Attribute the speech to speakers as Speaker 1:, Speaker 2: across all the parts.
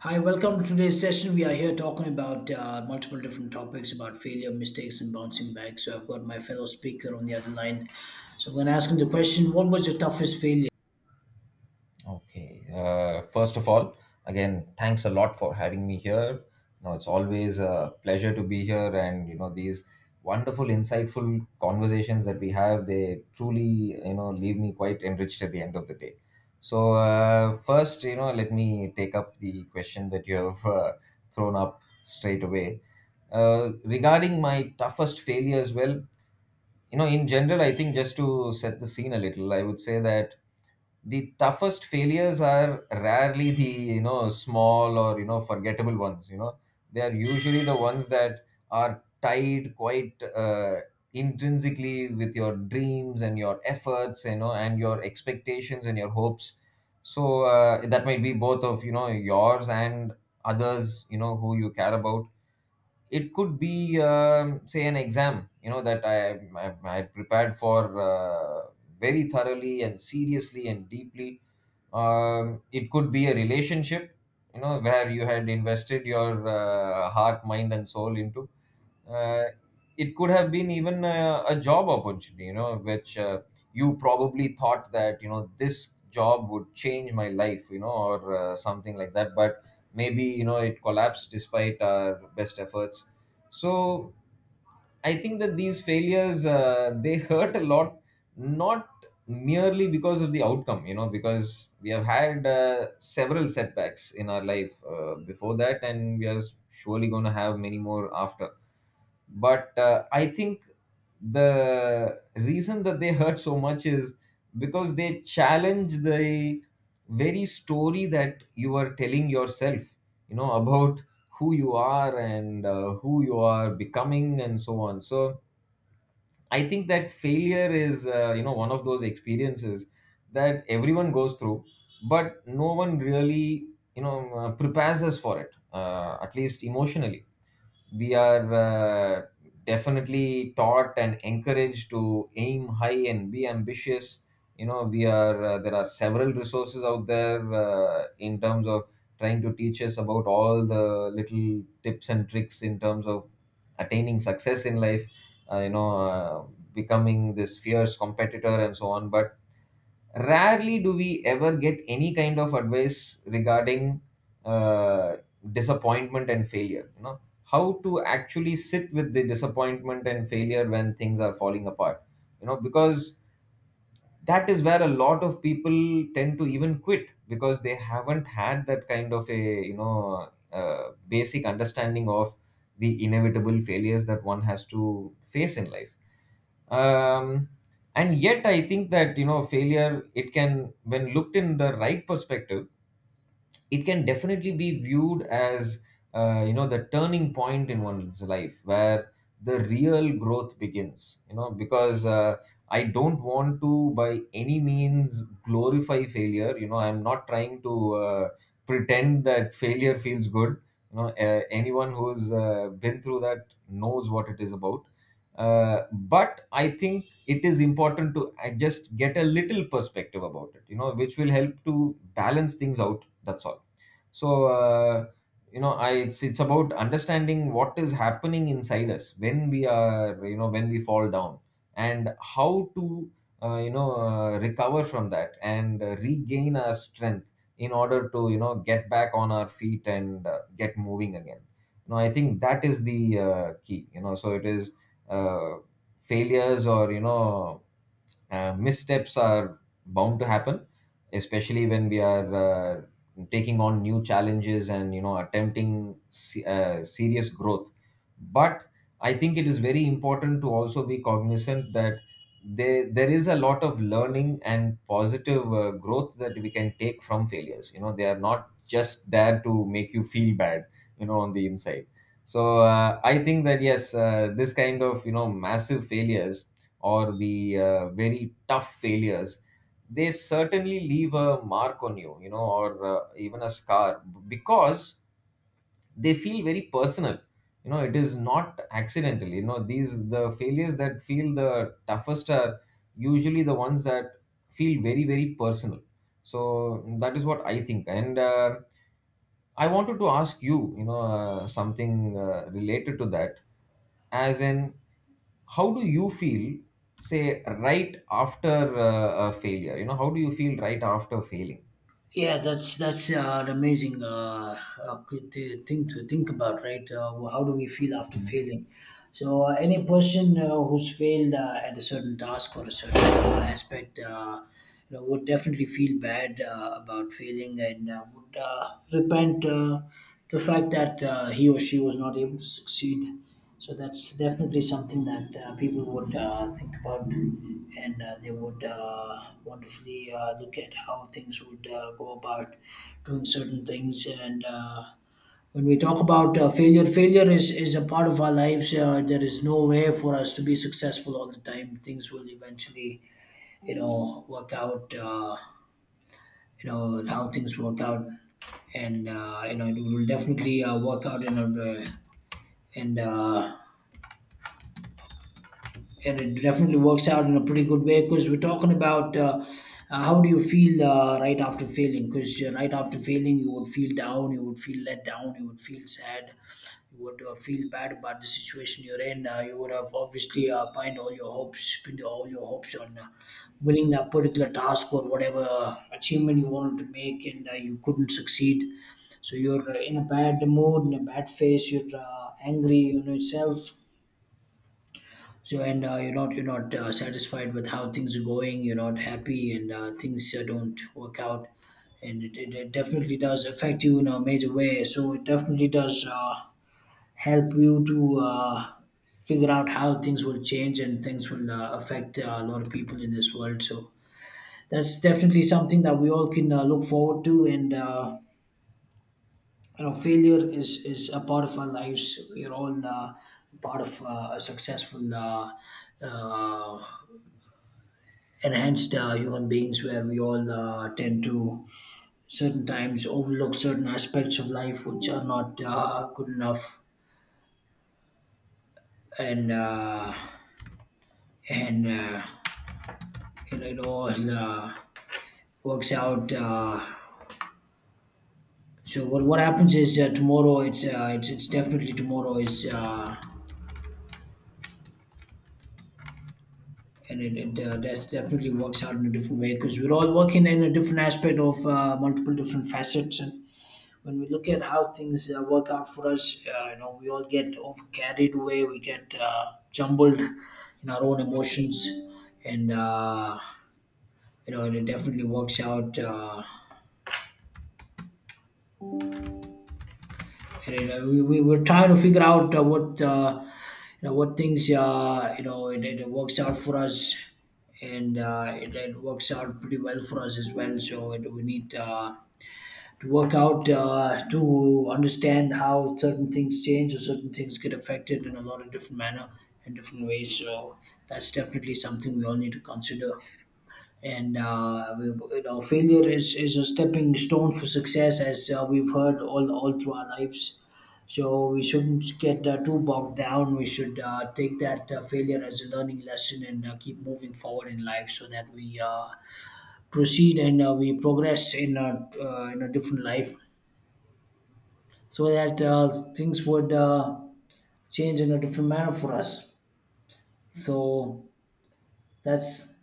Speaker 1: Hi, welcome to today's session. We are here talking about multiple different topics about failure, mistakes, and bouncing back. So I've got my fellow speaker on the other line. So I'm going to ask him the question: What was your toughest failure?
Speaker 2: Okay. First of all, again, thanks a lot for having me here. You know, it's always a pleasure to be here, and you know these wonderful, insightful conversations that we have. They truly, you know, leave me quite enriched at the end of the day. So first, you know, let me take up the question that you have thrown up straight away. Regarding my toughest failures, well, you know in general I think just to set the scene a little I would say that the toughest failures are rarely the you know small or you know forgettable ones. You know they are usually the ones that are tied quite intrinsically with your dreams and your efforts, you know, and your expectations and your hopes. So that might be both of you know yours and others, you know, who you care about. It could be say an exam, you know, that I prepared for uh, very thoroughly and seriously and deeply. It could be a relationship, you know, where you had invested your heart, mind and soul into. Uh, it could have been even a job opportunity, you know, which you probably thought that you know this job would change my life, you know, or something like that. But maybe you know it collapsed despite our best efforts. So I think that these failures they hurt a lot, not merely because of the outcome. You know, because we have had several setbacks in our life before that, and we are surely going to have many more after. But I think the reason that they hurt so much is because they challenge the very story that you are telling yourself, you know, about who you are and who you are becoming and so on. So I think that failure is, you know, one of those experiences that everyone goes through, but no one really, you know, prepares us for it, at least emotionally. We are definitely taught and encouraged to aim high and be ambitious. You know, we are, there are several resources out there in terms of trying to teach us about all the little tips and tricks in terms of attaining success in life, uh, you know, uh, becoming this fierce competitor and so on. But rarely do we ever get any kind of advice regarding uh, disappointment and failure. You know, how to actually sit with the disappointment and failure when things are falling apart. You know, because that is where a lot of people tend to even quit because they haven't had that kind of a you know basic understanding of the inevitable failures that one has to face in life. Um, and yet I think that you know failure, it can, when looked in the right perspective, it can definitely be viewed as you know the turning point in one's life where the real growth begins. You know, because I don't want to by any means glorify failure. You know I'm not trying to pretend that failure feels good. You know anyone who's been through that knows what it is about. But I think it is important to just get a little perspective about it, you know, which will help to balance things out, that's all. So you know I it's about understanding what is happening inside us when we are, you know, when we fall down, and how to recover from that and regain our strength in order to you know get back on our feet and get moving again. You know I think that is the key. You know, so it is uh, failures or you know missteps are bound to happen, especially when we are taking on new challenges and you know attempting serious growth. But I think it is very important to also be cognizant that there is a lot of learning and positive growth that we can take from failures. You know they are not just there to make you feel bad, you know, on the inside. So I think that yes, this kind of you know massive failures or the very tough failures, they certainly leave a mark on you, you know, or even a scar, because they feel very personal. You know it is not accidental. You know these, the failures that feel the toughest are usually the ones that feel very, very personal. So that is what I think. And I wanted to ask you, you know, something related to that, as in how do you feel say right after a failure. You know, how do you feel right after failing?
Speaker 1: Yeah, that's an amazing thing to think about, right? How do we feel after failing? So, any person who's failed at a certain task or a certain aspect, would definitely feel bad about failing and would repent the fact that he or she was not able to succeed. So that's definitely something that people would think about, and they would wonderfully look at how things would go about doing certain things. And When we talk about failure is a part of our lives. There is no way for us to be successful all the time. Things will eventually, you know, work out. You know how things work out, and you know it will definitely work out in a and uh, and it definitely works out in a pretty good way, because we're talking about how do you feel right after failing. Because right after failing, you would feel down, you would feel let down, you would feel sad, you would feel bad about the situation you're in. You would have obviously pinned all your hopes, pinned all your hopes on winning that particular task or whatever achievement you wanted to make, and you couldn't succeed. So you're in a bad mood, in a bad phase, you're angry on yourself. So, and you're not satisfied with how things are going. You're not happy, and things don't work out. And it definitely does affect you in a major way. So it definitely does help you to figure out how things will change, and things will affect a lot of people in this world. So that's definitely something that we all can look forward to. And You know, failure is a part of our lives. We're all part of a successful, uh, enhanced human beings, where we all tend to certain times overlook certain aspects of life which are not good enough, and uh, and it all works out. So what happens is, tomorrow it's definitely tomorrow is and it that's definitely works out in a different way, because we're all working in a different aspect of multiple different facets. And when we look at how things work out for us, you know, we all get over, carried away. We get jumbled in our own emotions, and you know, and it definitely works out. And you know, we're trying to figure out what you know what things, you know, it works out for us, and it works out pretty well for us as well. So it, we need. To work out, to understand how certain things change or certain things get affected in a lot of different manner and different ways. So that's definitely something we all need to consider. And We, you know, failure is a stepping stone for success, as we've heard all through our lives. So we shouldn't get too bogged down. We should take that failure as a learning lesson and keep moving forward in life, so that we proceed and we progress in a different life, so that things would change in a different manner for us. So that's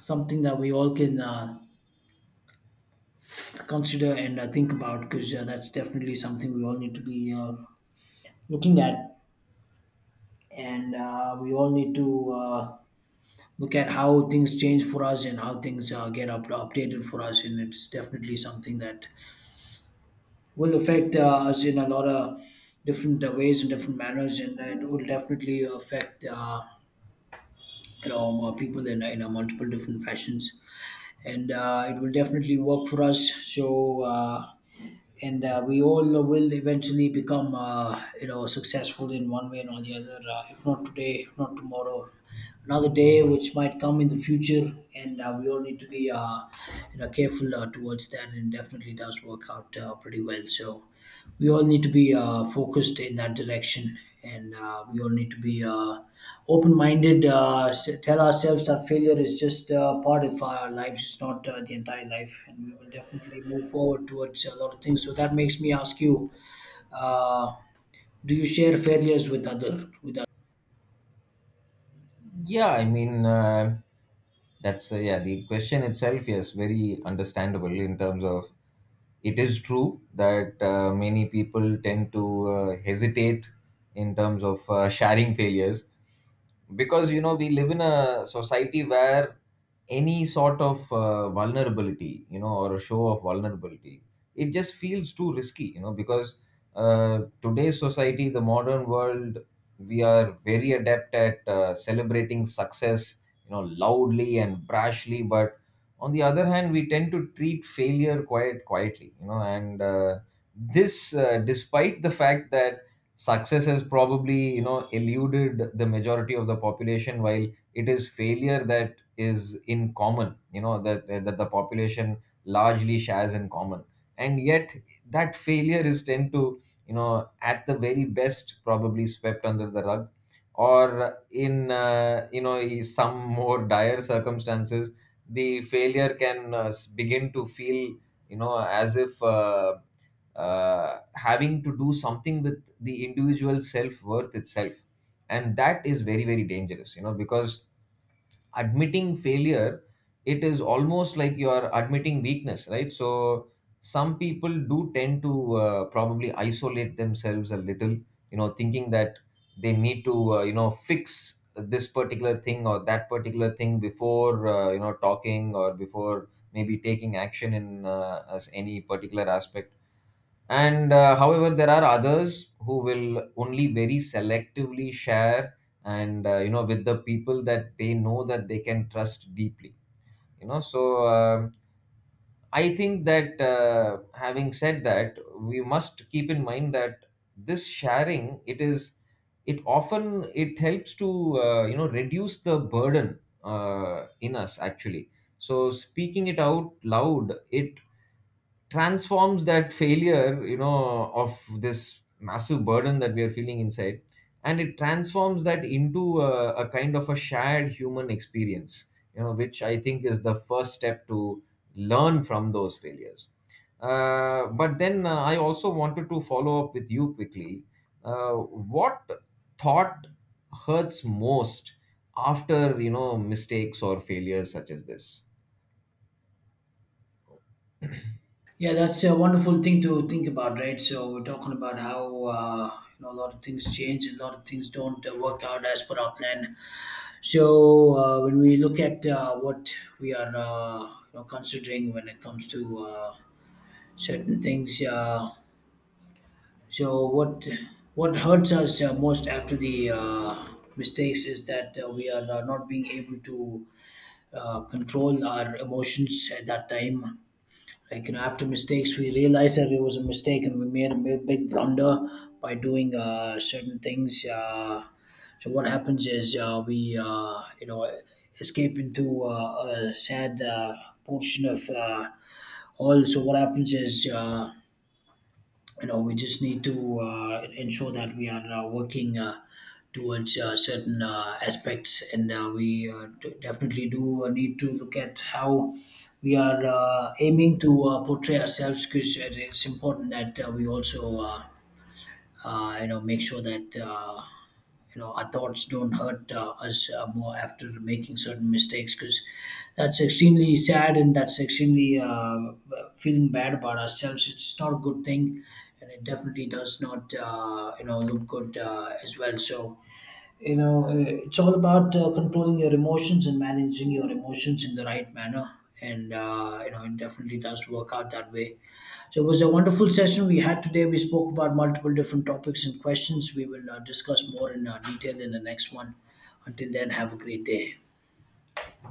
Speaker 1: something that we all can consider and think about, because that's definitely something we all need to be looking at, and we all need to. Look at how things change for us and how things updated for us, and it's definitely something that will affect us in a lot of different ways and different manners, and it will definitely affect you know more people in multiple different fashions, and it will definitely work for us. So uh, and uh, we all will eventually become, you know, successful in one way or the other, if not today, if not tomorrow, another day which might come in the future. And we all need to be you know careful towards that, and it definitely does work out pretty well. So we all need to be focused in that direction, and we all need to be open-minded, tell ourselves that failure is just part of our lives, it's not the entire life, and we will definitely move forward towards a lot of things. So that makes me ask you, uh, do you share failures with other?
Speaker 2: Yeah, I mean, that's yeah, the question itself is very understandable in terms of it is true that many people tend to hesitate in terms of sharing failures, because you know we live in a society where any sort of vulnerability, you know, or a show of vulnerability, it just feels too risky, you know, because today's society, the modern world, we are very adept at celebrating success, you know, loudly and brashly. But on the other hand we tend to treat failure quite quietly, you know, and this despite the fact that success has probably you know eluded the majority of the population, while it is failure that is in common. You know that the population largely shares in common. And yet that failure is tend to you know at the very best probably swept under the rug, or in you know some more dire circumstances, the failure can begin to feel, you know, as if having to do something with the individual self-worth itself. And that is very, very dangerous, you know, because admitting failure, it is almost like you are admitting weakness, right? So some people do tend to probably isolate themselves a little, you know, thinking that they need to you know fix this particular thing or that particular thing before you know talking, or before maybe taking action in as any particular aspect. And however there are others who will only very selectively share, and you know with the people that they know that they can trust deeply, you know. So I think that having said that, we must keep in mind that this sharing, it is, it often it helps to you know reduce the burden in us actually. So speaking it out loud, it transforms that failure, you know, of this massive burden that we are feeling inside, and it transforms that into a kind of a shared human experience, you know, which I think is the first step to learn from those failures. But then I also wanted to follow up with you quickly, what thought hurts most after, you know, mistakes or failures such as this.
Speaker 1: Yeah, that's a wonderful thing to think about, right? So we're talking about how, you know, a lot of things change, a lot of things don't work out as per our plan. So when we look at what we are, you know, considering, when it comes to certain things, so what hurts us most after the mistakes is that we are not being able to control our emotions at that time. Like, you know, after mistakes we realized that it was a mistake and we made a big blunder by doing certain things. So what happens is, we you know escape into a sad portion of all. So what happens is, you know, we just need to ensure that we are working towards certain aspects, and we definitely do need to look at how we are aiming to portray ourselves, because it's important that we also you know make sure that you know our thoughts don't hurt us more after making certain mistakes, because that's extremely sad and that's extremely feeling bad about ourselves, it's not a good thing. And it definitely does not you know look good as well. So, you know, it's all about controlling your emotions and managing your emotions in the right manner. And you know it definitely does work out that way. So it was a wonderful session we had today. We spoke about multiple different topics and questions. We will discuss more in detail in the next one. Until then, have a great day.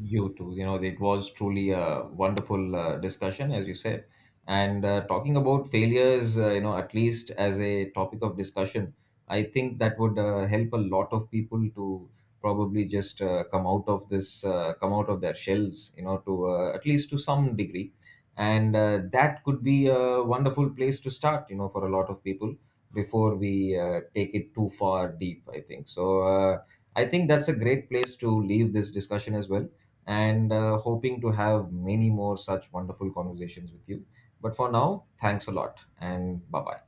Speaker 2: You too. You know, it was truly a wonderful discussion, as you said. And talking about failures, you know, at least as a topic of discussion, I think that would help a lot of people to probably just come out of this, come out of their shells, you know, to at least to some degree. And that could be a wonderful place to start, you know, for a lot of people before we take it too far deep, I think. So I think that's a great place to leave this discussion as well, and hoping to have many more such wonderful conversations with you. But for now, thanks a lot and bye bye.